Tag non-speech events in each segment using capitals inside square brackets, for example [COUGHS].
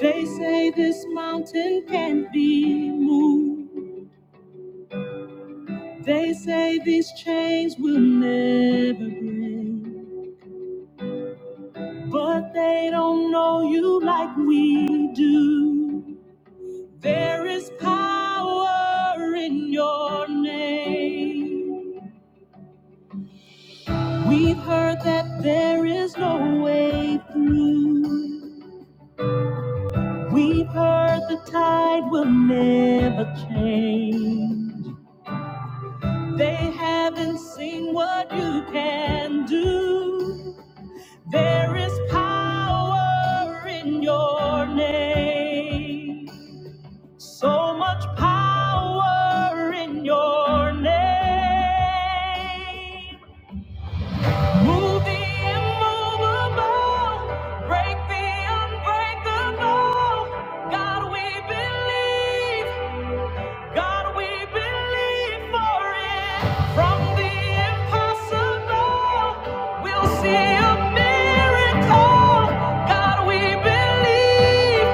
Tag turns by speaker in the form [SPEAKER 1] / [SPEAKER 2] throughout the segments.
[SPEAKER 1] They say this mountain can't be moved. They say these chains will never break. But they don't know you like we do. There is power in your name. We've heard that there is no way through. We've heard the tide will never change. They haven't seen what you can do. There is power in your name. So much power in your name. Move the immovable, break the unbreakable. God, we believe. God, we believe for it. From the impossible, we'll see a miracle. God, we believe.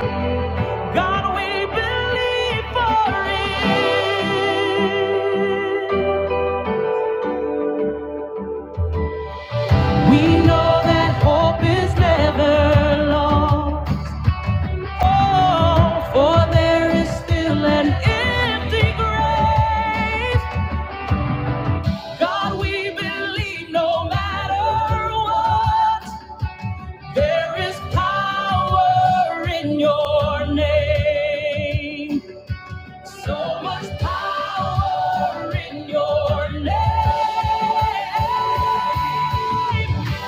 [SPEAKER 1] God, we believe for it. We know that hope is never lost. Oh, for there is still an empty grave. God, we believe no matter what, there is power in your name. So much power in your name.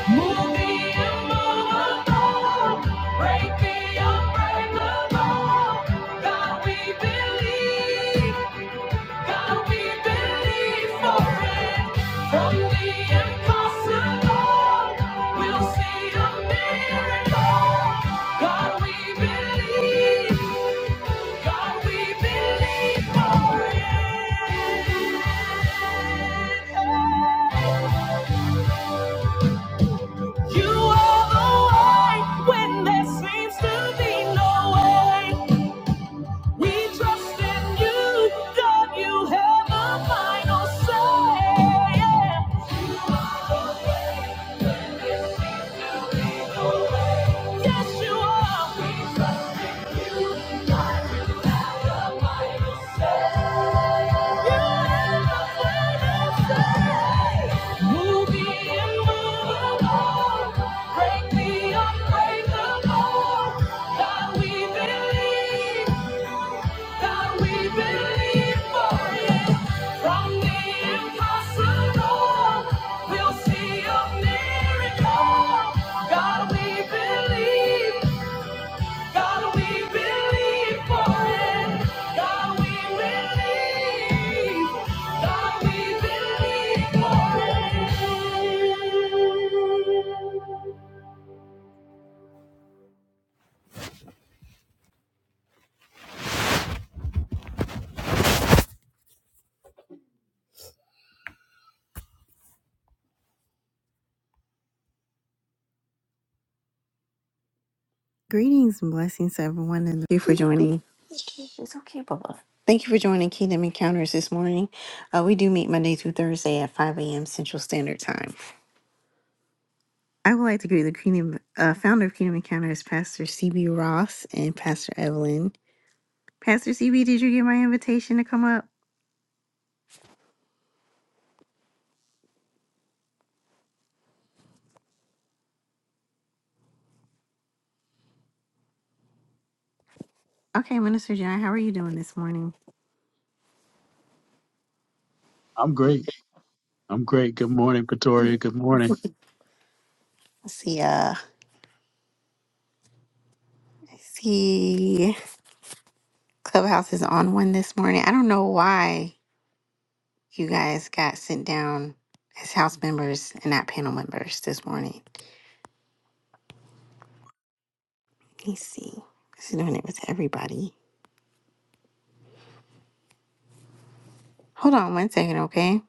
[SPEAKER 1] Move the immovable, break the unbreakable. God, we believe, God, we believe for it. From the impossible, we'll see a miracle. God, we believe, God, we believe for it. You are the way when there seems to be no way. We trust in you, God, you have a final say. Yeah. no Yes, you are. We trust in you, God, you have a final say. You have a final say. Move the immovable, break the unbreakable. God, we believe. Greetings and blessings to everyone, and thank you for joining. Thank you for joining Kingdom Encounters this morning. Uh, we do meet Monday through Thursday at 5 a.m. Central Standard Time. I would like to greet the Kingdom, uh, founder of Kingdom Encounters, Pastor CB Ross and Pastor Evelyn. Pastor CB, did you get my invitation to come up? Okay, Minister John, how are you doing this morning?
[SPEAKER 2] I'm great. I'm great. Good morning, Pretoria. Good morning.
[SPEAKER 1] Let's see, uh, I see Clubhouse is on one this morning. I don't know why you guys got sent down as house members and not panel members this morning. Let me see. This is doing it with everybody. Hold on one second, okay?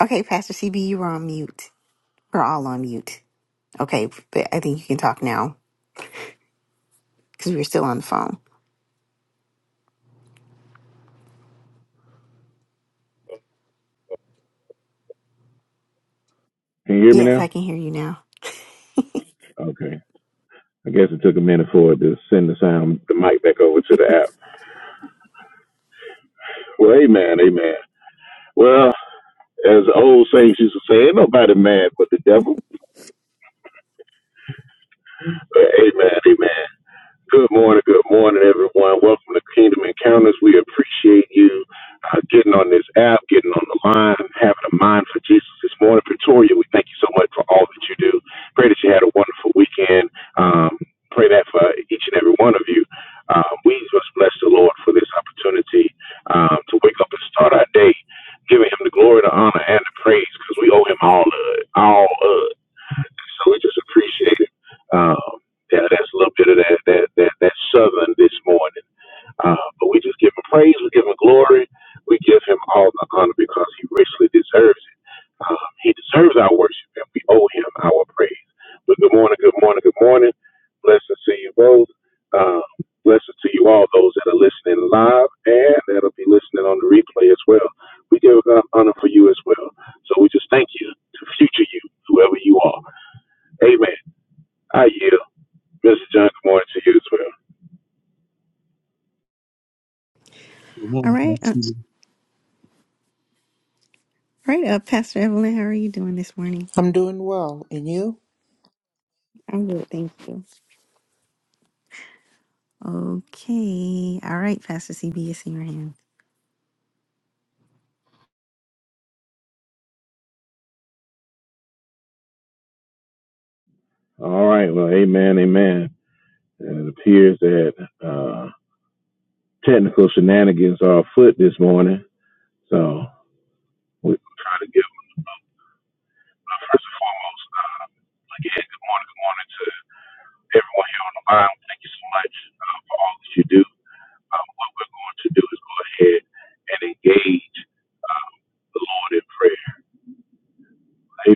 [SPEAKER 1] Okay, Pastor CB, you were on mute. We're all on mute. Okay, but I think you can talk now because we were still on the phone.
[SPEAKER 3] Can you hear me
[SPEAKER 1] Yes, I
[SPEAKER 3] now?
[SPEAKER 1] can hear you now.
[SPEAKER 3] Okay. I guess it took a minute for it to send the sound, the mic back over to the app. Well, amen, amen. Well, as the old saints used to say, ain't nobody mad but the devil. But amen, amen. Good morning, good morning, everyone. Welcome to Kingdom Encounters. We appreciate you uh, getting on this app, getting on the line, having a mind for Jesus this morning. Pretoria, we thank you so much for all that you do. Pray that you had a wonderful weekend. Um, pray that for each and every one of you. Uh, we must bless the Lord for this opportunity um, to wake up and start our day, giving Him the glory, the honor, and the praise because we owe Him all of it. All of it. So we just appreciate it. Um, yeah, that's a little bit of that that that, that southern this morning. Uh, but we just give him praise, we give him glory, we give him all the honor because he richly deserves it. Um, he deserves our worship, and we owe him our praise. But good morning, good morning, good morning. Blessings to you both. Uh, blessings to you all, those that are listening live and that'll be listening on the replay as well. We give God honor for you as well. So we just thank you to future you, whoever you are. Amen. I yield. Mr. John, good morning to you as well.
[SPEAKER 2] Good
[SPEAKER 1] All
[SPEAKER 2] morning.
[SPEAKER 1] right. Uh,
[SPEAKER 2] Pastor
[SPEAKER 1] all
[SPEAKER 2] CB.
[SPEAKER 1] right, uh, Pastor Evelyn, how are you doing this morning?
[SPEAKER 4] I'm doing well. And you?
[SPEAKER 1] I'm good, thank you. Okay. All right, Pastor CB, it's in your hands.
[SPEAKER 3] All right. Well, amen, amen. And it appears that uh, technical shenanigans are afoot this morning. So we're trying to try to give, uh, first and foremost, again, good morning, good morning to everyone here on the line. Thank you so much uh, for all that you do. Um, what we're going to do is go ahead and engage the Lord in prayer. Amen.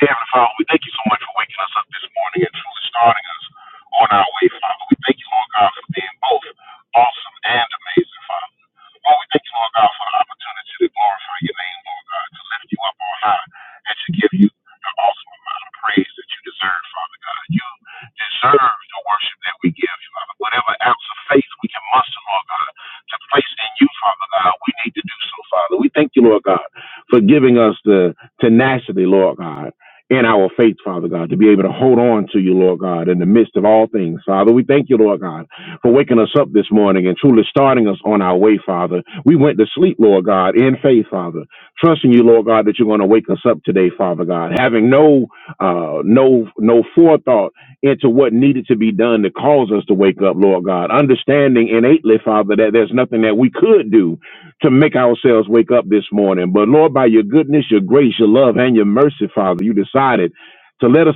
[SPEAKER 3] Heavenly Father, we thank you so much for waking us up this morning and truly starting us on our way, Father. We thank you, Lord God, for being both awesome and amazing, Father. So, Lord, we thank you, Lord God, for the opportunity to glorify your name, Lord God, to lift you up on high, and to give you the awesome amount of praise that you deserve, Father God. You deserve the worship that we give you, Father. Whatever ounce of faith we can muster, Lord God, to place in you, Father God, we need to do so, Father. We thank you, Lord God, for giving us the tenacity, Lord God. In our faith, Father God, to be able to hold on to you, Lord God, in the midst of all things. Father, we thank you, Lord God, for waking us up this morning and truly starting us on our way, Father. We went to sleep, Lord God, in faith, Father, trusting you, Lord God, that you're going to wake us up today, Father God, having no, uh, no, no forethought into what needed to be done to cause us to wake up, Lord God, understanding innately, Father, that there's nothing that we could do to make ourselves wake up this morning. But Lord, by your goodness, your grace, your love, and your mercy, Father, you decided to let us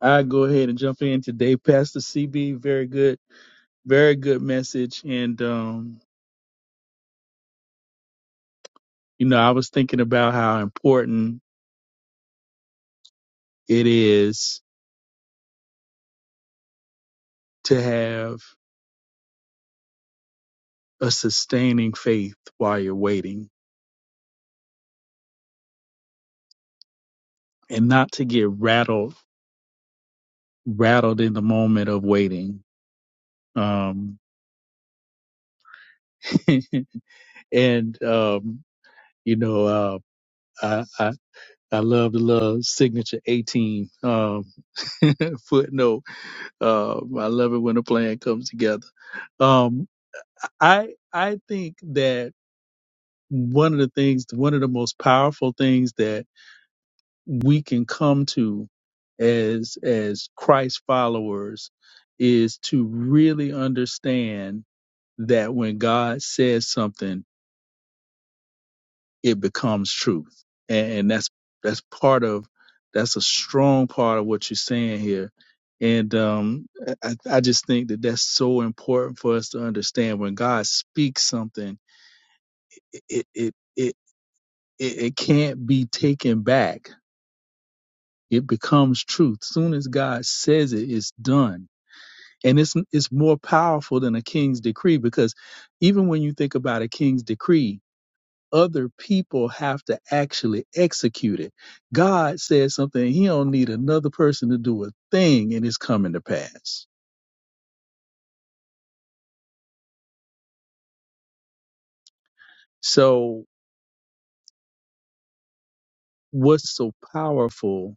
[SPEAKER 2] I go ahead and jump in today, Pastor CB. Very good, very good message. And um, you know, I was thinking about how important it is to have a sustaining faith while you're waiting, and not to get rattled rattled in the moment of waiting. Um, [LAUGHS] and um, you know, uh, I love the little signature 18 um, [LAUGHS] footnote. Uh, I love it when a plan comes together. Um, I I think that one of the things, one of the most powerful things that we can come to as as Christ followers is to really understand that when God says something it becomes truth. And, and that's that's part of that's a strong part of what you're saying here. And um, I, I just think that that's so important for us to understand. When God speaks something, it it it it, it can't be taken back. It becomes truth. Soon as God says it, it's done. And it's it's more powerful than a king's decree because even when you think about a king's decree, other people have to actually execute it. God says something, he don't need another person to do a thing and it's coming to pass. So what's so powerful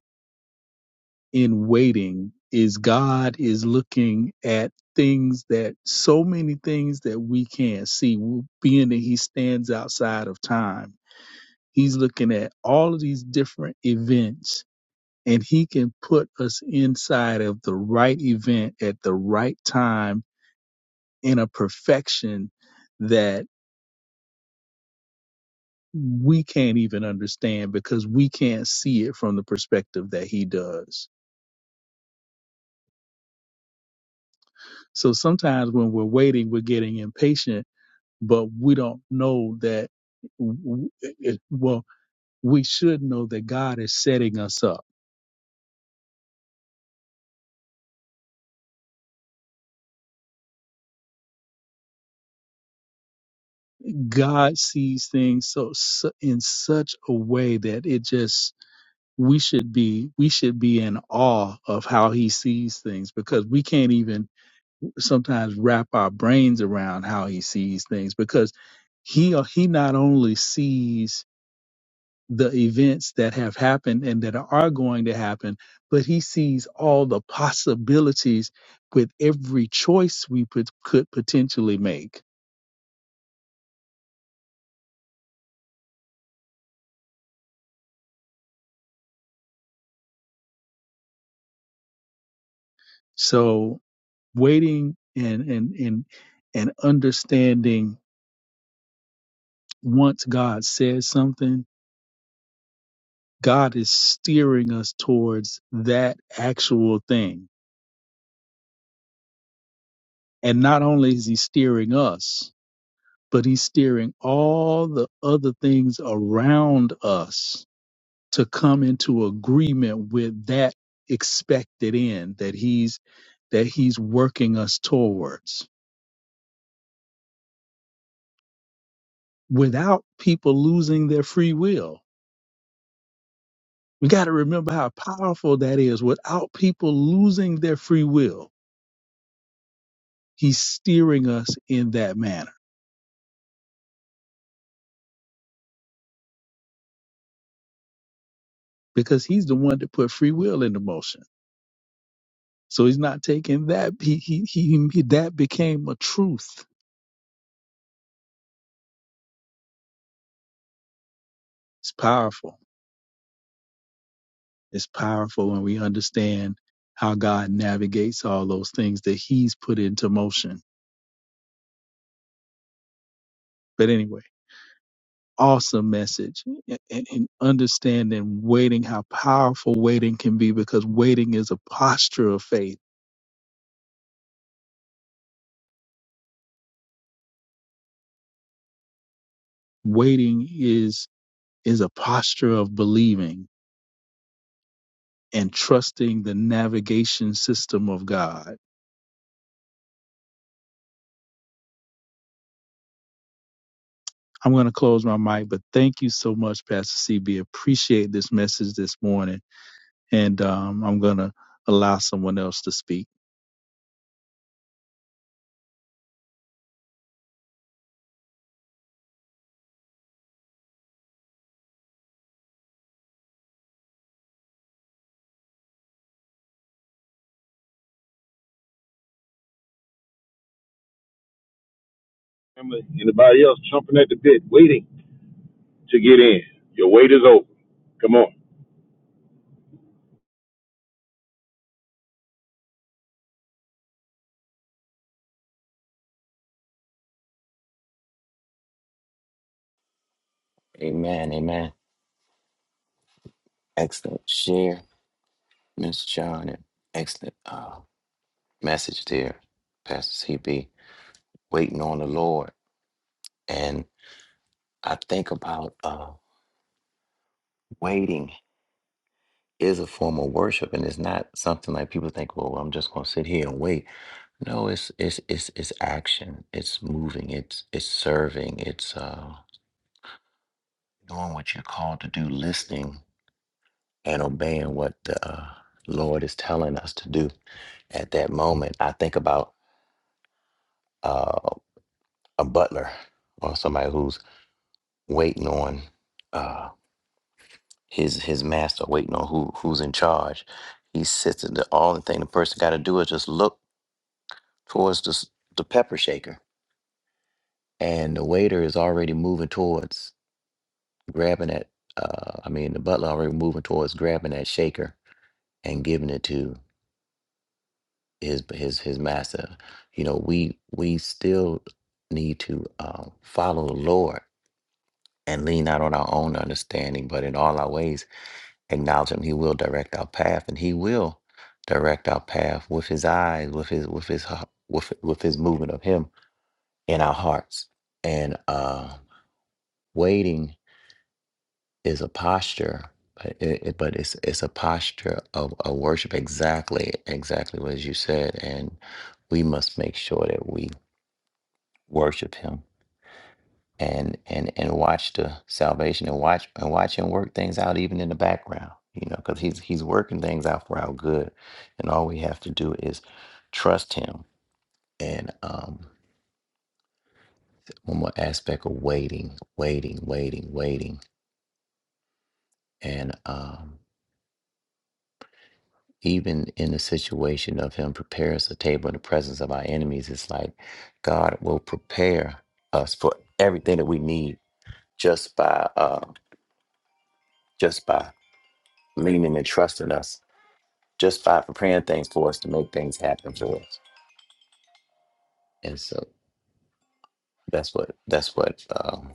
[SPEAKER 2] in waiting is God is looking at things that so many things that we can't see, Well, being that he stands outside of time. He's looking at all of these different events and he can put us inside of the right event at the right time in a perfection that we can't even understand because we can't see it from the perspective that he does. So sometimes when we're waiting, we're getting impatient, but we don't know that, w- w- well, we should know that God is setting us up. God sees things so, so in such a way that it just we should be we should be in awe of how he sees things because we can't even sometimes wrap our brains around how he sees things because he he not only sees the events that have happened and that are going to happen, but he sees all the possibilities with every choice we put, could potentially make. So waiting and and and and understanding once God says something, God is steering us towards that actual thing And not only is he steering us, but he's steering all the other things around us to come into agreement with that expected end that he's that he's working us towards without people losing their free will. We got to remember how powerful that is. Without people losing their free will, he's steering us in that manner because he's the one that put free will into motion. So he's not taking that. He, he, he, he that became a truth. It's powerful. It's powerful when we understand how God navigates all those things that he's put into motion. But anyway, awesome message and, and understanding waiting, how powerful waiting can be because waiting is a posture of faith. Waiting is, is a posture of believing and trusting the navigation system of God I'm going to close my mic, but thank you so much, Pastor CB. Appreciate this message this morning. And um, I'm going to allow someone else to speak.
[SPEAKER 5] Amen. Amen. Excellent share, Miss John, and excellent uh, message there, Pastor CB. Waiting on the Lord, and I think about uh, waiting is a form of worship, and it's not something like people think. Well, I'm just going to sit here and wait. No, it's it's it's it's action. It's moving. It's it's serving. It's uh, doing what you're called to do, listening and obeying what the uh, Lord is telling us to do at that moment. I think about. uh, a butler or somebody who's waiting on uh, his his master, waiting on who who's in charge. He sits in the only thing the person got to do is just look towards the s- the pepper shaker, and the waiter is already moving towards grabbing that. Uh, I mean, the butler already moving towards grabbing that shaker and giving it to his his his master. You know, we we still need to uh, follow the Lord and lean not on our own understanding, but in all our ways acknowledge him he will direct our path and he will direct our path with his eyes with his with his h- with with his movement of him in our hearts and uh waiting is a posture but it, it- but it's it's a posture of a worship exactly exactly what you said and we must make sure that we worship him and and and watch the salvation and watch and watch him work things out even in the background you know because he's he's working things out for our good and all we have to do is trust him and um one more aspect of waiting waiting waiting waiting and um even in the situation of him preparing us a table in the presence of our enemies it's like god will prepare us for everything that we need just by uh just by leaning and trusting us just by preparing things for us to make things happen for us. And so that's what that's what um,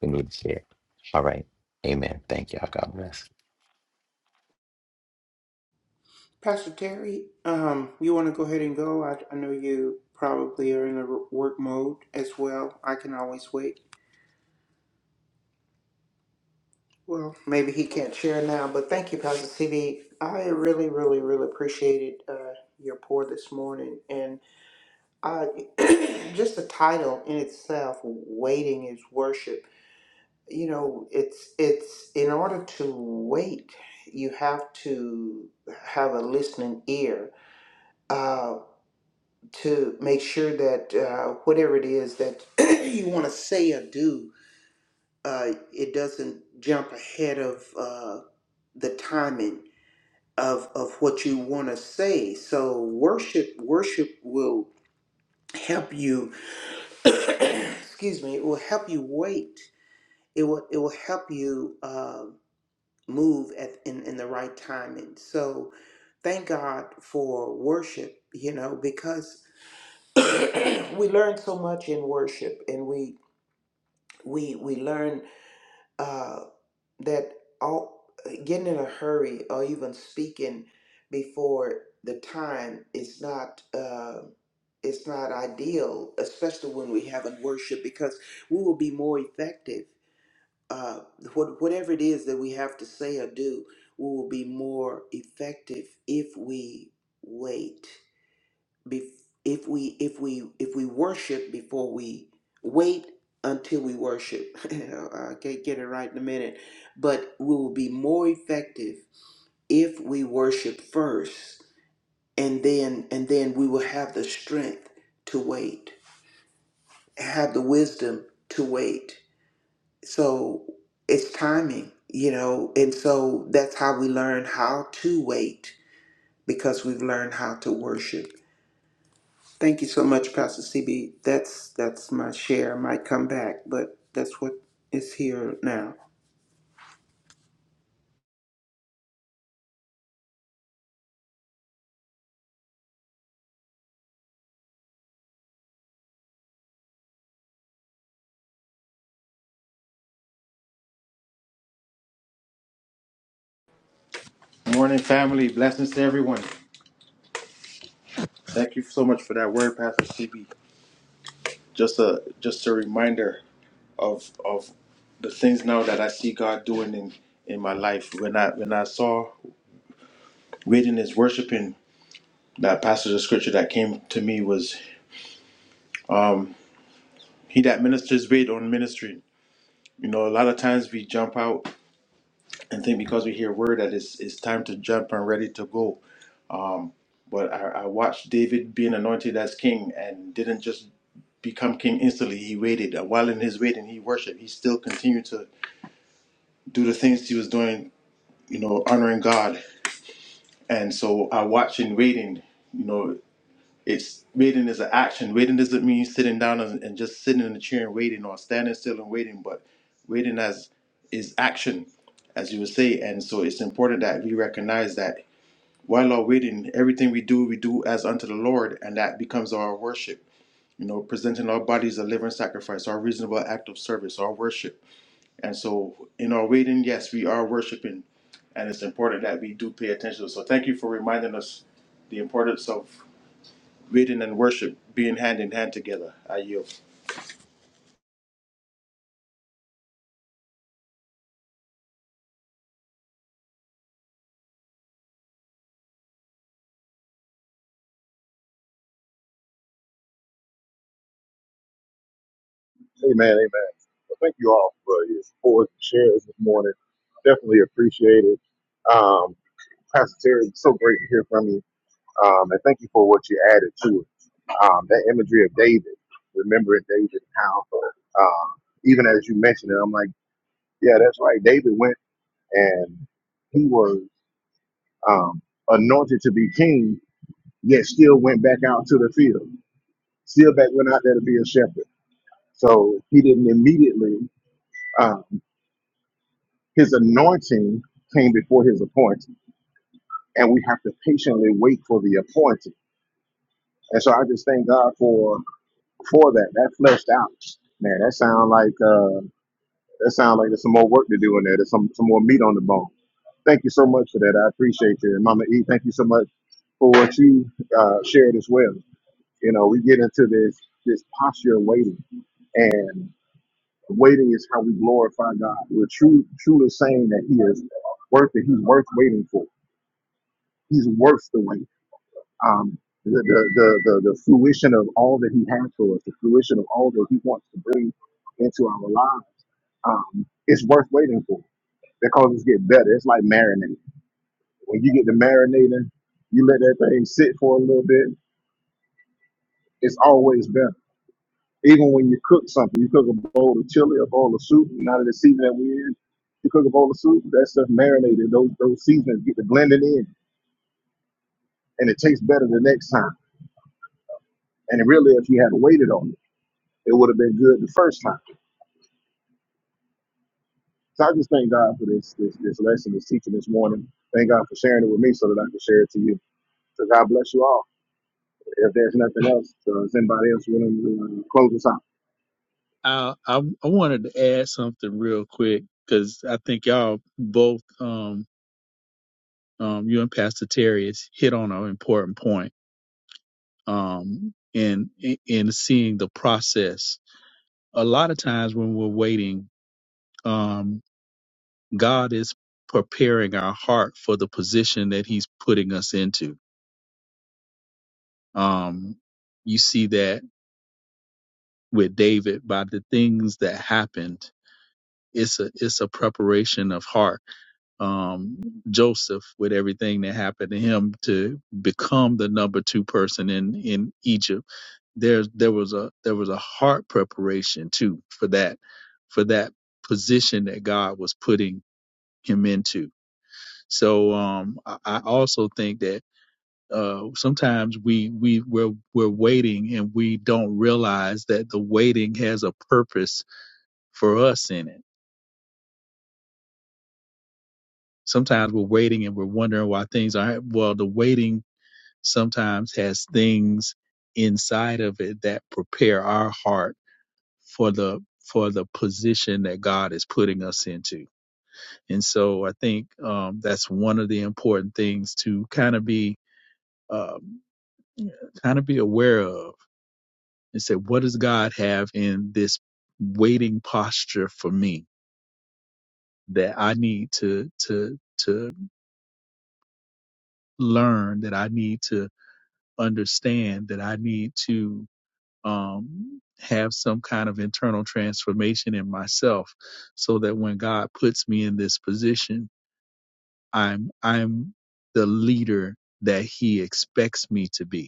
[SPEAKER 5] we need to share. All right. Amen. Thank y'all. God bless.
[SPEAKER 4] Pastor Terry, um, you want to go ahead and go? I, I know you probably are in a r- work mode as well. I can always wait. Well, maybe he can't share now, but thank you, Pastor CB. I really, really, really appreciated uh, your pour this morning. And I, [CLEARS THROAT] just the title in itself, Waiting is Worship. You know, it's it's in order to wait, you have to have a listening ear Uh, to make sure that uh, whatever it is that [CLEARS THROAT] you want to say or do, uh, it doesn't jump ahead of uh, the timing of of what you want to say. So worship, worship will help you. [CLEARS THROAT] excuse me. It will help you wait. It will it will help you uh, move at in in the right timing. So thank God for worship. You know because [CLEARS THROAT] we learn so much in worship and we we we learn uh, that all getting in a hurry or even speaking before the time is not uh, it's not ideal, especially when we have in worship, because we will be more effective. Uh, what, whatever it is that we have to say or do, we will be more effective if we wait if we if we if we worship before we wait until we worship [LAUGHS] i can't get it right in a minute but we will be more effective if we worship first and then and then we will have the strength to wait have the wisdom to wait so it's timing you know and so that's how we learn how to wait because we've learned how to worship Thank you so much, Pastor CB. That's that's my share. I might come back, but that's what is here now.
[SPEAKER 3] Amen. Amen. Thank you all for your support and shares this morning. Definitely appreciate it. Um, Pastor Terry, it's so great to hear from you. Um, and thank you for what you added to it. Um, that imagery of David, remembering David, and how um, even as you mentioned it, I'm like, yeah, that's right. David went and he was um, anointed to be king, yet still went back out to the field. Still back went out there to be a shepherd. So he didn't immediately. um, His anointing came before his appointing, and we have to patiently wait for the appointing. And so I just thank God for for that. That fleshed out. Man, that sound like uh, that sound like there's some more work to do in there. There's some some more meat on the bone. Thank you so much for that. I appreciate you, and Mama E. Thank you so much for what you uh, shared as well. You know, we get into this this posture of waiting, and waiting is how we glorify God. We're true, truly saying that He is worth it. He's worth waiting for. He's worth the wait. Um, the, the, the, the, the fruition of all that he has for us, the fruition of all that he wants to bring into our lives, um, it's worth waiting for because it's get better. It's like marinating. When you get to marinating, you let that thing sit for a little bit. It's always better. Even when you cook something, you cook a bowl of chili, a bowl of soup. Now that the season that we're in, you cook a bowl of soup. That stuff marinated. Those those seasonings get to blended in, and it tastes better the next time. And really, if you had waited on it. it would have been good the first time. So I just thank God for this this this lesson, this teaching this morning. Thank God for sharing it with me so that I can share it to you. So God bless you all. If there's nothing else, uh, is anybody else willing to uh, close us out?
[SPEAKER 2] I, I, I wanted to add something real quick because I think y'all both, um, um, you and Pastor Terry, has hit on an important point um, in, in seeing the process. A lot of times when we're waiting, um, God is preparing our heart for the position that He's putting us into Um, you see that with David by the things that happened. It's a it's a preparation of heart. Um, Joseph with everything that happened to him to become the number two person in in Egypt. There there was a there was a heart preparation too for that for that position that God was putting him into. So um, I, I also think that uh, sometimes we we we're we're waiting and we don't realize that the waiting has a purpose for us in it. Sometimes we're waiting and we're wondering why things aren't well. The waiting sometimes has things inside of it that prepare our heart for the for the position that God is putting us into. And so I think um, that's one of the important things to kind of be um, kind of be aware of and say, What does God have in this waiting posture for me that I need to to to learn, that I need to understand, that I need to um have some kind of internal transformation in myself so that when God puts me in this position, I'm I'm the leader that he expects me to be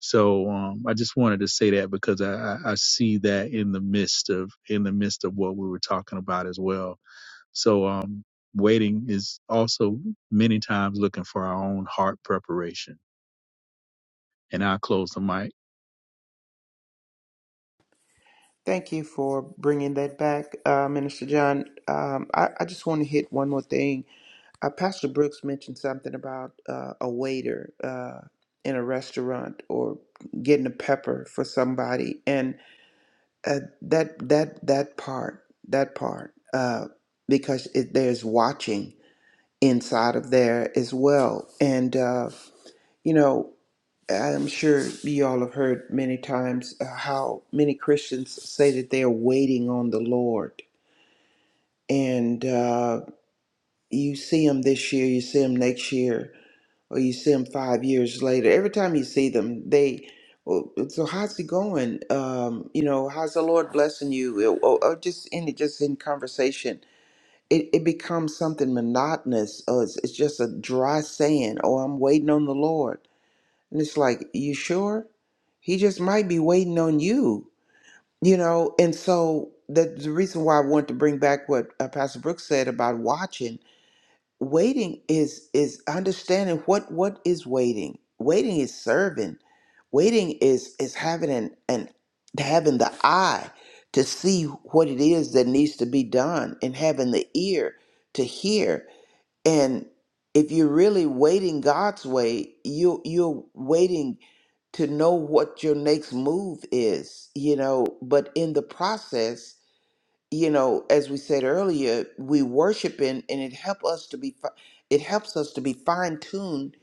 [SPEAKER 2] So um, I just wanted to say that because I, I I see that in the midst of in the midst of what we were talking about as well. So um, waiting is also many times looking for our own heart preparation. And I'll close the mic.
[SPEAKER 4] Thank you for bringing that back, uh, Minister John. Um, I, I just want to hit one more thing. Uh, Pastor Brooks mentioned something about uh, a waiter uh, in a restaurant or getting a pepper for somebody, and uh, that that that part that part uh, because it, there's watching inside of there as well, and. Uh, You know, I'm sure you all have heard many times uh, how many Christians say that they are waiting on the Lord. And uh, you see them this year, you see them next year, or you see them five years later. Every time you see them, they, "Well, so how's it going? Um, you know, how's the Lord blessing you? Or, or just in just in conversation, it, it becomes something monotonous. Or it's, it's just a dry saying, oh, I'm waiting on the Lord And it's like, you sure? He just might be waiting on you, you know? And so the, the reason why I want to bring back what uh, Pastor Brooks said about watching, waiting is is understanding what what is waiting. Waiting is serving. Waiting is is having an, an having the eye to see what it is that needs to be done and having the ear to hear. And if you're really waiting God's way, you you're waiting to know what your next move is, you know. But in the process, you know, as we said earlier, we worshiping, and it help us to be, fi- it helps us to be fine tuned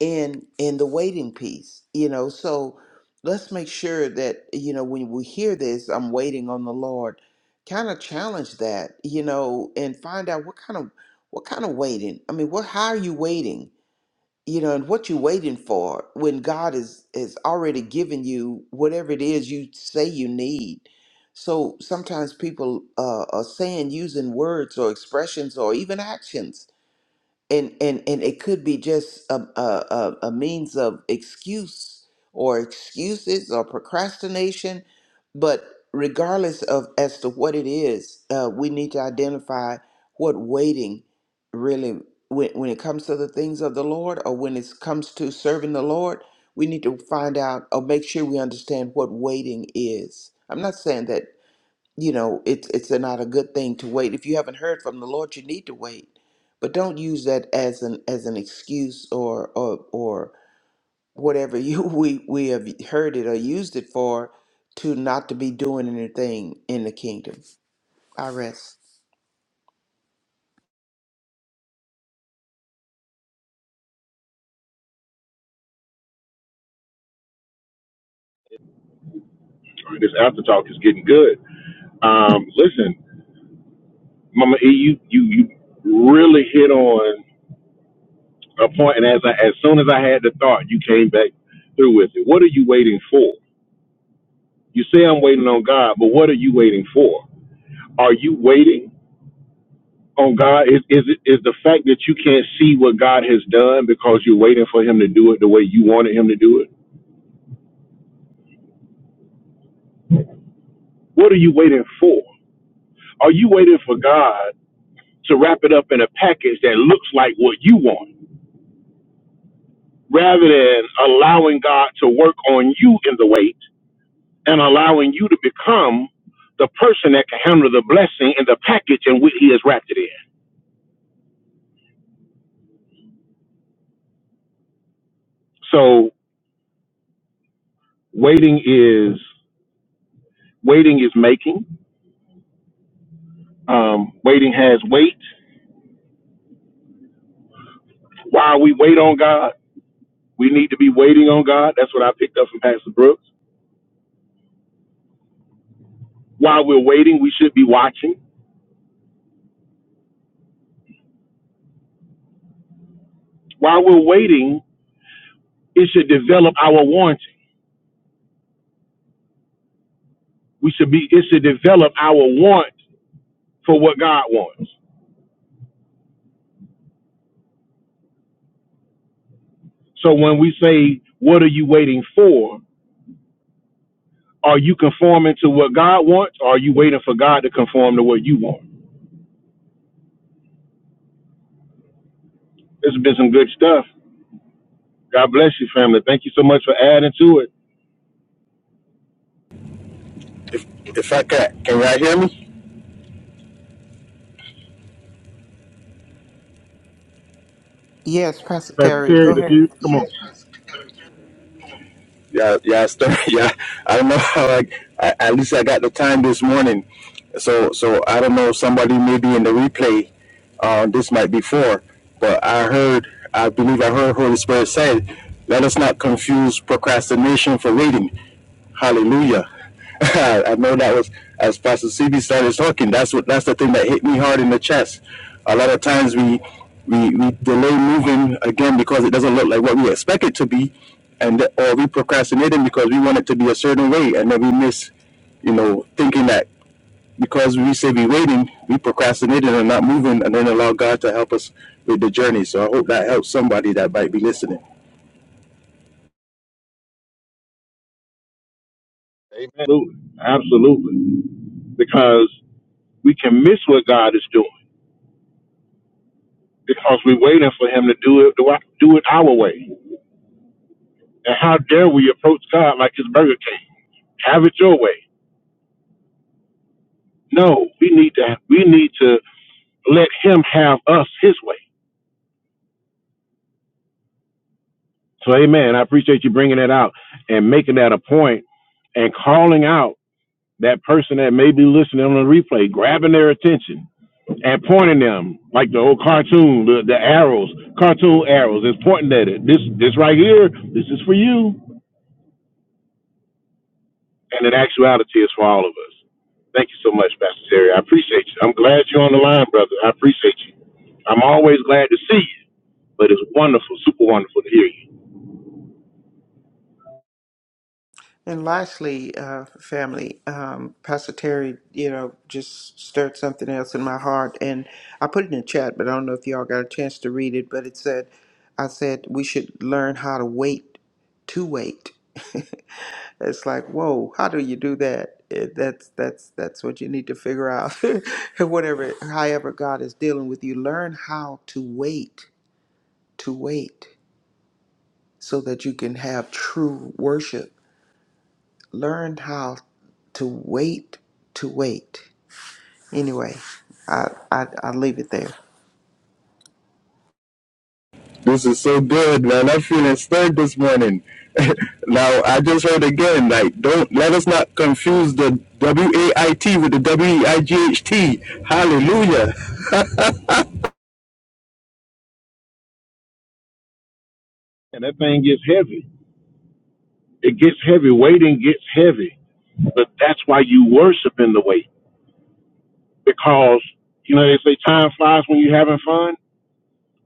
[SPEAKER 4] in in the waiting piece, you know. So let's make sure that you know when we hear this, I'm waiting on the Lord. Kind of challenge that, you know, and find out what kind of what kind of waiting. I mean, what how are you waiting? you know and what you waiting for when god is has already given you whatever it is you say you need so sometimes people uh, are saying using words or expressions or even actions and and and it could be just a a, a, a means of excuse or excuses or procrastination but regardless of as to what it is uh, we need to identify what waiting really when, when it comes to the things of the lord or when it comes to serving the lord we need to find out or make sure we understand what waiting is i'm not saying that you know it's it's not a good thing to wait if you haven't heard from the lord you need to wait but don't use that as an as an excuse or or or whatever you [LAUGHS] we we have heard it or used it for to not to be doing anything in the kingdom i rest
[SPEAKER 3] This after talk is getting good. Um, listen, Mama E, you you you really hit on. a point, and as I, as soon as I had the thought, you came back through with it. What are you waiting for? You say I'm waiting on God, but what are you waiting for? Are you waiting on God? Is is it is the fact that you can't see what God has done because you're waiting for Him to do it the way you wanted Him to do it? What are you waiting for? Are you waiting for God to wrap it up in a package that looks like what you want, rather than allowing God to work on you in the wait? and allowing you to become the person that can handle the blessing and the package in which he has wrapped it in. So waiting is waiting is making. Um, waiting has weight. While we wait on God, we need to be waiting on God. That's what I picked up from Pastor Brooks. While we're waiting, we should be watching. While we're waiting, it should develop our wanting. We should be it should develop our want for what God wants. So when we say, What are you waiting for? Are you conforming to what God wants, or are you waiting for God to conform to what you want? This has been some good stuff. God bless you, family. Thank you so much for adding to it.
[SPEAKER 6] If I can, can y'all hear me?
[SPEAKER 4] yes pastor
[SPEAKER 3] Pastor
[SPEAKER 4] terry go
[SPEAKER 3] Terry, that's
[SPEAKER 4] ahead
[SPEAKER 3] you. Come on.
[SPEAKER 6] Yeah, yeah, start. [LAUGHS] Yeah, I don't know how. I, I at least I got the time this morning, so so I don't know. Somebody maybe in the replay, uh, this might be for, but I heard. I believe I heard Holy Spirit said, "Let us not confuse procrastination for reading." Hallelujah. [LAUGHS] I know that was as Pastor CB started talking. That's what that's the thing that hit me hard in the chest. A lot of times we we, we delay moving again because it doesn't look like what we expect it to be, and or we procrastinating because we want it to be a certain way, and then we miss, you know, thinking that because we say we waiting, we procrastinating and not moving, and then allow God to help us with the journey. So I hope that helps somebody that might be listening.
[SPEAKER 3] Absolutely. Absolutely. Because we can miss what God is doing because we're waiting for him to do it do do it our way. And how dare we approach God like it's Burger King. Have it your way. No, we need to we need to let him have us his way. So, amen. I appreciate you bringing that out and making that a point and calling out that person that may be listening on the replay, grabbing their attention and pointing them like the old cartoon, the, the arrows, cartoon arrows, It's pointing at it. This, this right here, this is for you. And in actuality, it's for all of us. Thank you so much, Pastor Terry. I appreciate you. I'm glad you're on the line, brother. I appreciate you. I'm always glad to see you, but it's wonderful, super wonderful to hear you.
[SPEAKER 4] And lastly, uh, family, um, Pastor Terry, you know, just stirred something else in my heart. And I put it in the chat, but I don't know if y'all got a chance to read it. But it said, I said, we should learn how to wait to wait. [LAUGHS] it's like, whoa, how do you do that? It, that's that's that's what you need to figure out. [LAUGHS] Whatever, however God is dealing with you, learn how to wait to wait so that you can have true worship learned how to wait to wait. Anyway, I I I leave it there.
[SPEAKER 6] This is so good, man. I'm feeling stirred this morning. [LAUGHS] now, I just heard again, like, don't let us not confuse the W A I T with the W E I G H T. Hallelujah.
[SPEAKER 3] And that thing gets heavy. It gets heavy. Waiting gets heavy But that's why you worship in the way. Because, you know, they say time flies when you're having fun.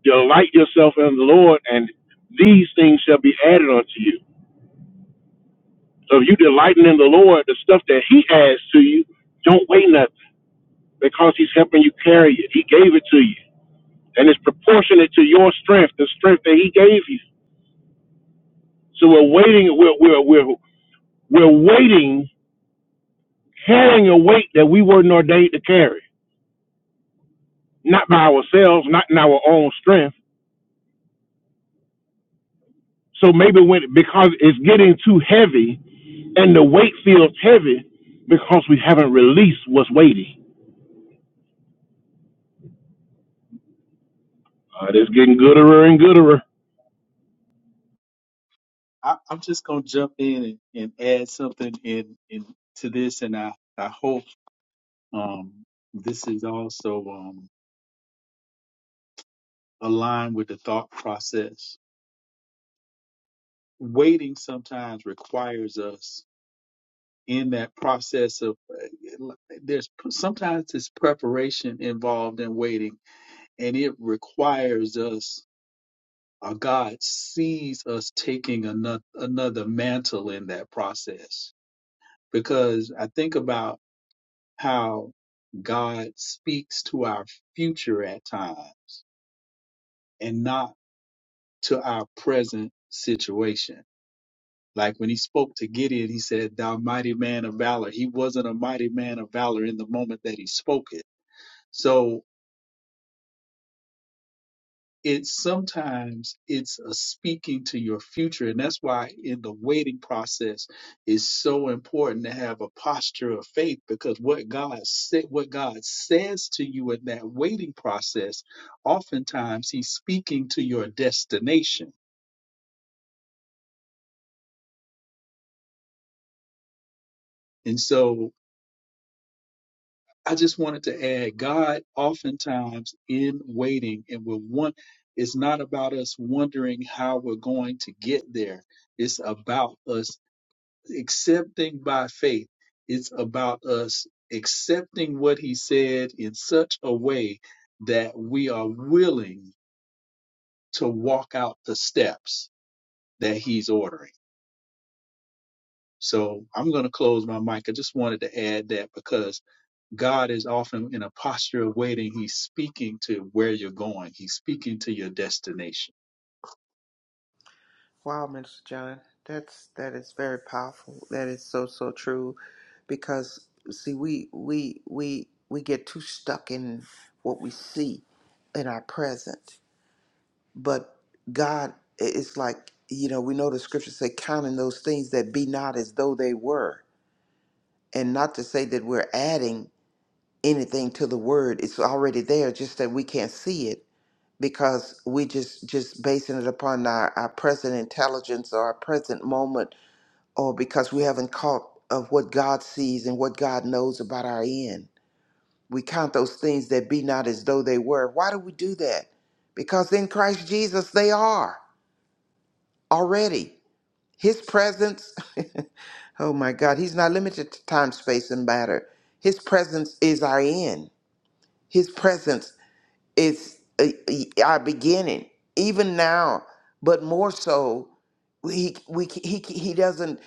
[SPEAKER 3] Delight yourself in the Lord, and these things shall be added unto you. So if you delighting in the Lord, the stuff that He adds to you, don't weigh nothing because He's helping you carry it. He gave it to you. And it's proportionate to your strength, the strength that He gave you. So we're waiting, we're, we're, we're, we're waiting, carrying a weight that we weren't ordained to carry. Not by ourselves, not in our own strength So maybe when because it's getting too heavy, and the weight feels heavy because we haven't released what's weighty. Uh, it's getting gooder and gooder.
[SPEAKER 2] I, I'm just gonna jump in and, and add something in, in to this, and I I hope um, this is also um, aligned with the thought process. Waiting sometimes requires us in that process of uh, there's sometimes it's preparation involved in waiting and it requires us or god sees us taking another another mantle in that process because i think about how god speaks to our future at times and not to our present situation like when he spoke to gideon he said thou mighty man of valor he wasn't a mighty man of valor in the moment that he spoke it So it's sometimes it's a speaking to your future, and that's why in the waiting process it's so important to have a posture of faith because what God said, what God says to you in that waiting process, oftentimes He's speaking to your destination, and so. I just wanted to add, God oftentimes in waiting and will want, it's not about us wondering how we're going to get there. It's about us accepting by faith. It's about us accepting what he said in such a way that we are willing to walk out the steps that he's ordering. So I'm going to close my mic. I just wanted to add that because God is often in a posture of waiting. He's speaking to where you're going, He's speaking to your destination.
[SPEAKER 4] Wow, Mr. John, that's that is very powerful. That is so so true, because see we we we we get too stuck in what we see in our present, but God it's like you know we know the scriptures say counting those things that be not as though they were, and not to say that we're adding anything to the word. It's already there, just that we can't see it because we just just basing it upon our, our present intelligence or our present moment or because we haven't caught of what God sees and what God knows about our end. We count those things that be not as though they were. Why do we do that? Because in Christ Jesus they are already. His presence, [LAUGHS] oh my God, he's not limited to time, space, and matter. His presence is our end. His presence it's uh, uh, our beginning even now but more so he we he he doesn't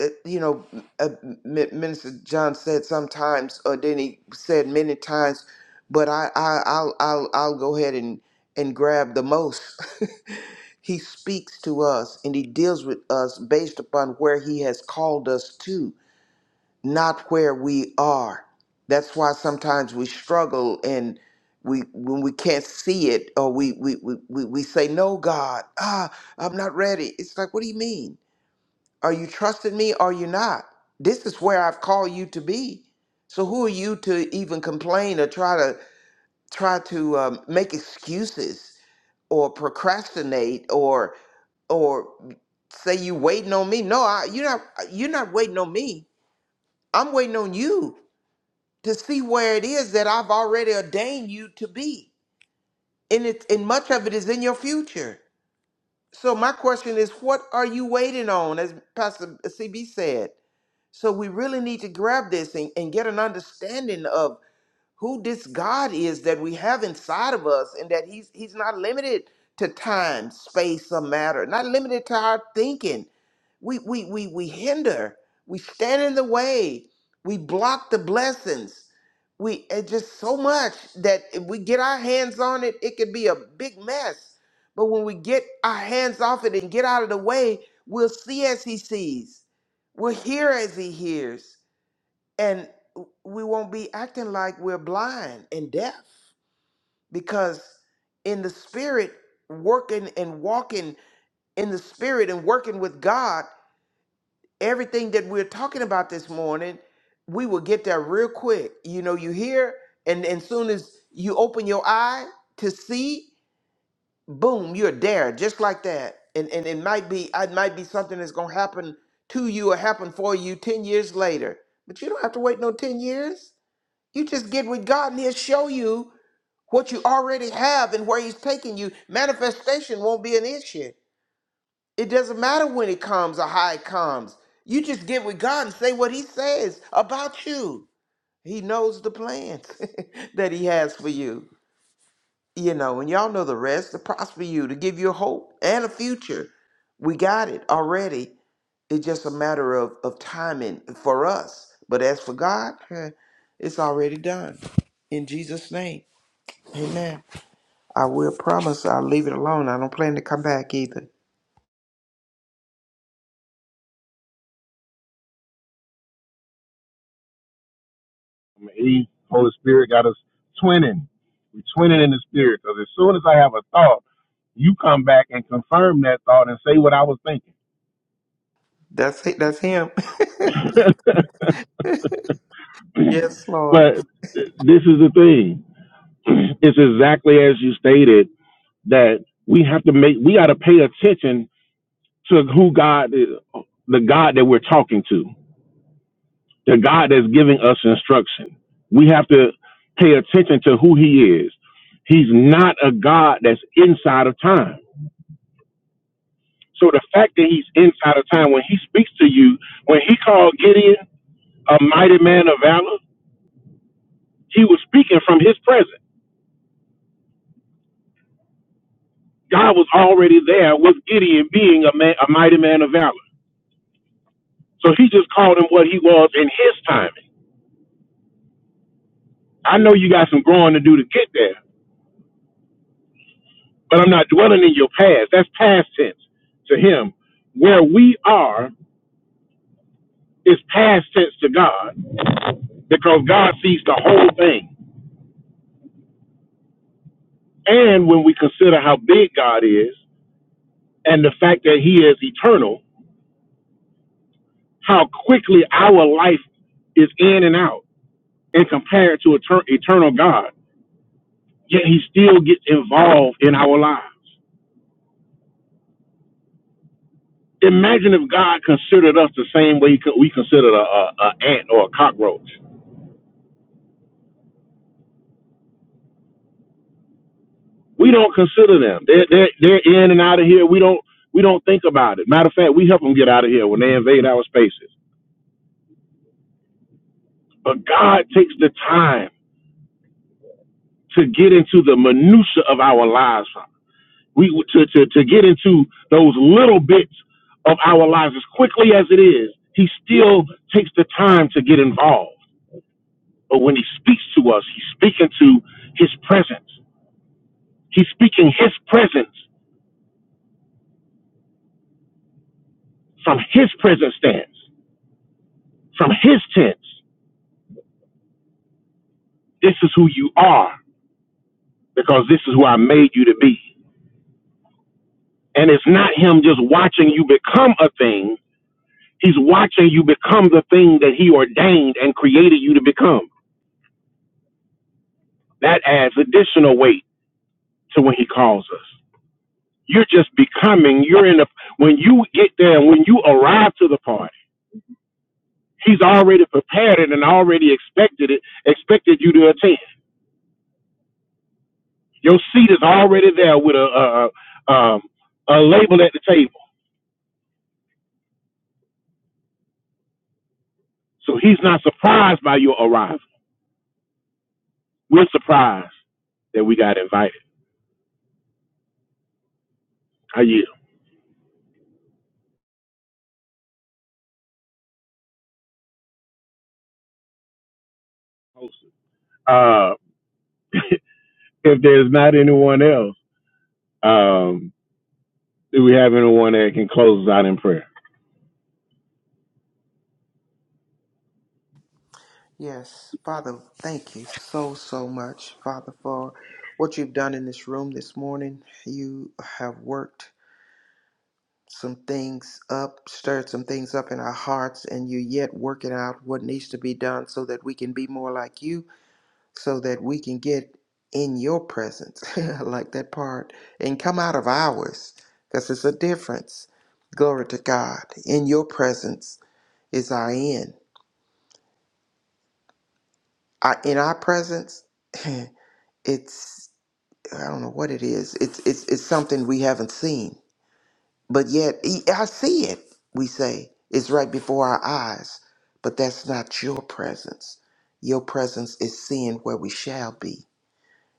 [SPEAKER 4] uh, you know uh, M- minister john said sometimes or then he said many times but i, I i'll i'll i'll go ahead and and grab the most [LAUGHS] he speaks to us and he deals with us based upon where he has called us to not where we are. That's why sometimes we struggle and we when we can't see it or we we, we, we we say, No God, ah, I'm not ready. It's like, what do you mean? Are you trusting me or are you not? This is where I've called you to be. So who are you to even complain or try to try to um, make excuses or procrastinate or or say you waiting on me? No, I, you're not you're not waiting on me. I'm waiting on you to see where it is that I've already ordained you to be. And it and much of it is in your future. So my question is, what are you waiting on? As Pastor CB said. So we really need to grab this and, and get an understanding of who this God is that we have inside of us and that he's he's not limited to time, space, or matter, not limited to our thinking. We we we we hinder, we stand in the way, we block the blessings. We it just so much that if we get our hands on it, it could be a big mess. But when we get our hands off it and get out of the way, we'll see as he sees. We'll hear as he hears and we won't be acting like we're blind and deaf because in the spirit working and walking in the spirit and working with god everything that we're talking about this morning we will get there real quick you know you hear and as soon as you open your eye to see boom you're there just like that and and it might be it might be something that's going to happen to you or happen for you 10 years later but you don't have to wait no 10 years you just get with God and He'll show you what you already have and where He's taking you. Manifestation won't be an issue. It doesn't matter when it comes or how it comes. You just get with God and say what He says about you. He knows the plans [LAUGHS] that He has for you. You know, and y'all know the rest to prosper you, to give you hope and a future. We got it already. It's just a matter of, of timing for us. But as for God, [LAUGHS] it's already done. In Jesus' name. Amen. I will promise I'll leave it alone. I don't plan to come back either.
[SPEAKER 3] He, Holy Spirit got us twinning. We're twinning in the spirit because as soon as I have a thought, you come back and confirm that thought and say what I was thinking.
[SPEAKER 4] That's it. That's him.
[SPEAKER 3] [LAUGHS]
[SPEAKER 4] [LAUGHS] yes, Lord.
[SPEAKER 3] but this is the thing. [CLEARS THROAT] It's exactly as you stated that we have to make we got to pay attention to who God is, the God that we're talking to. the God that's giving us instruction. We have to pay attention to who he is. He's not a God that's inside of time. So the fact that he's inside of time, when he speaks to you, when he called Gideon a mighty man of valor, he was speaking from his presence. God was already there with Gideon being a man, a mighty man of valor. So he just called him what he was in his timing. I know you got some growing to do to get there, but I'm not dwelling in your past. That's past tense to him. Where we are is past tense to God because God sees the whole thing. And when we consider how big God is and the fact that he is eternal, how quickly our life is in and out and compared to etern- eternal God, yet he still gets involved in our lives. Imagine if God considered us the same way he co- we considered a, a, a ant or a cockroach. we don't consider them. They're they're they're in and out of here. We don't we don't think about it. Matter of fact, we help them get out of here when they invade our spaces. But God takes the time to get into the minutia of our lives. huh? We to to to get into those little bits of our lives as quickly as it is. He still takes the time to get involved. But when he speaks to us, he's speaking to his presence. He's speaking his presence from his present stance, from his tense. This is who you are because this is who I made you to be. And it's not him just watching you become a thing. He's watching you become the thing that he ordained and created you to become. That adds additional weight to when he calls us. You're just becoming, you're in a, when you get there when you arrive to the party, he's already prepared it and already expected it, expected you to attend. Your seat is already there with a, a, a, um, a label at the table. So he's not surprised by your arrival. We're surprised that we got invited. I yield. Uh, if there's not anyone else, um, do we have anyone that can close us out in prayer?
[SPEAKER 4] Yes, Father, thank you so, so much, Father, for what you've done in this room this morning. You have worked some things up, stirred some things up in our hearts, and you yet work it out what needs to be done so that we can be more like you so that we can get in your presence. [LAUGHS] I like that part. And come out of ours because it's a difference. Glory to God. In your presence is our end. I, in our presence, [LAUGHS] [CLEARS THROAT] it's I don't know what it is. It's it's it's something we haven't seen, but yet "E- I see it. We say it's right before our eyes, but that's not your presence. Your presence is seeing where we shall be.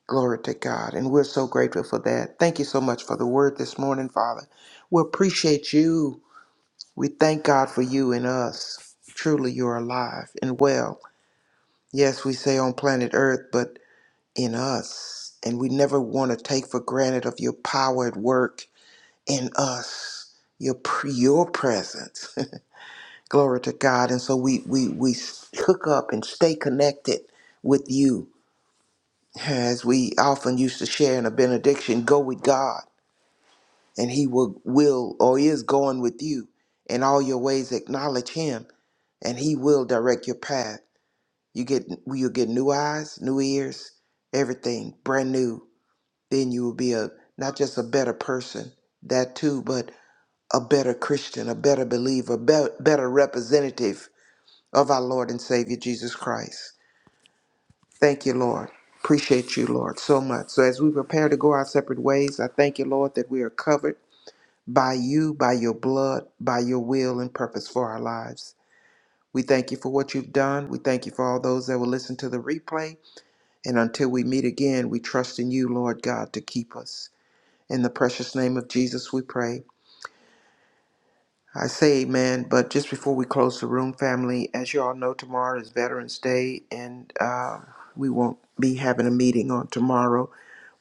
[SPEAKER 4] Glory to God. And we're so grateful for that. Thank you so much for the word this morning, Father. We appreciate you. We thank God for you and us. Truly, you're alive and well. Yes, we say on planet Earth, but in us. And we never want to take for granted of your power at work in us, your, pre- your presence. [LAUGHS] Glory to God. And so we, we, we hook up and stay connected with you. As we often used to share in a benediction, go with God and he will, will or is going with you. In all your ways, acknowledge him, and he will direct your path. You get you'll get new eyes, new ears, everything brand new. Then you will be a not just a better person, that too, but a better Christian, a better believer, a be- better representative of our Lord and Savior Jesus Christ. Thank you, Lord. Appreciate you, Lord, so much. So as we prepare to go our separate ways, I thank you, Lord, that we are covered. by you, by your blood, by your will and purpose for our lives. We thank you for what you've done. We thank you for all those that will listen to the replay. And until we meet again, we trust in you, Lord God, to keep us. In the precious name of Jesus, we pray. I say amen, but just before we close the room, family, as you all know, tomorrow is Veterans Day, and uh, we won't be having a meeting on tomorrow.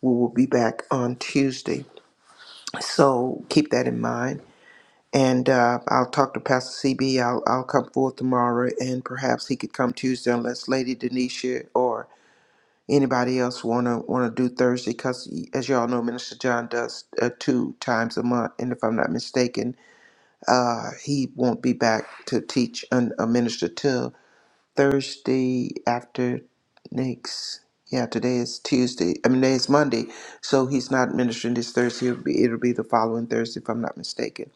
[SPEAKER 4] We will be back on Tuesday. So keep that in mind. And uh, I'll talk to Pastor CB. I'll, I'll come forth tomorrow, and perhaps he could come Tuesday unless Lady Denisha or anybody else wanna wanna do Thursday. Because as y'all know, Minister John does uh, two times a month, and if I'm not mistaken, uh, he won't be back to teach and uh, minister till Thursday after next. Yeah, today is Tuesday. I mean, today is Monday, so he's not ministering this Thursday. It'll be, it'll be the following Thursday, if I'm not mistaken.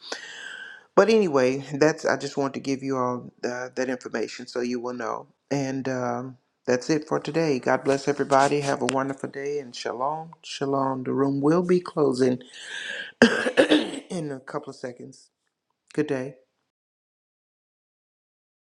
[SPEAKER 4] But anyway, that's I just want to give you all uh, that information so you will know. And um, that's it for today. God bless everybody. Have a wonderful day and shalom, shalom. The room will be closing [COUGHS] in a couple of seconds. Good day.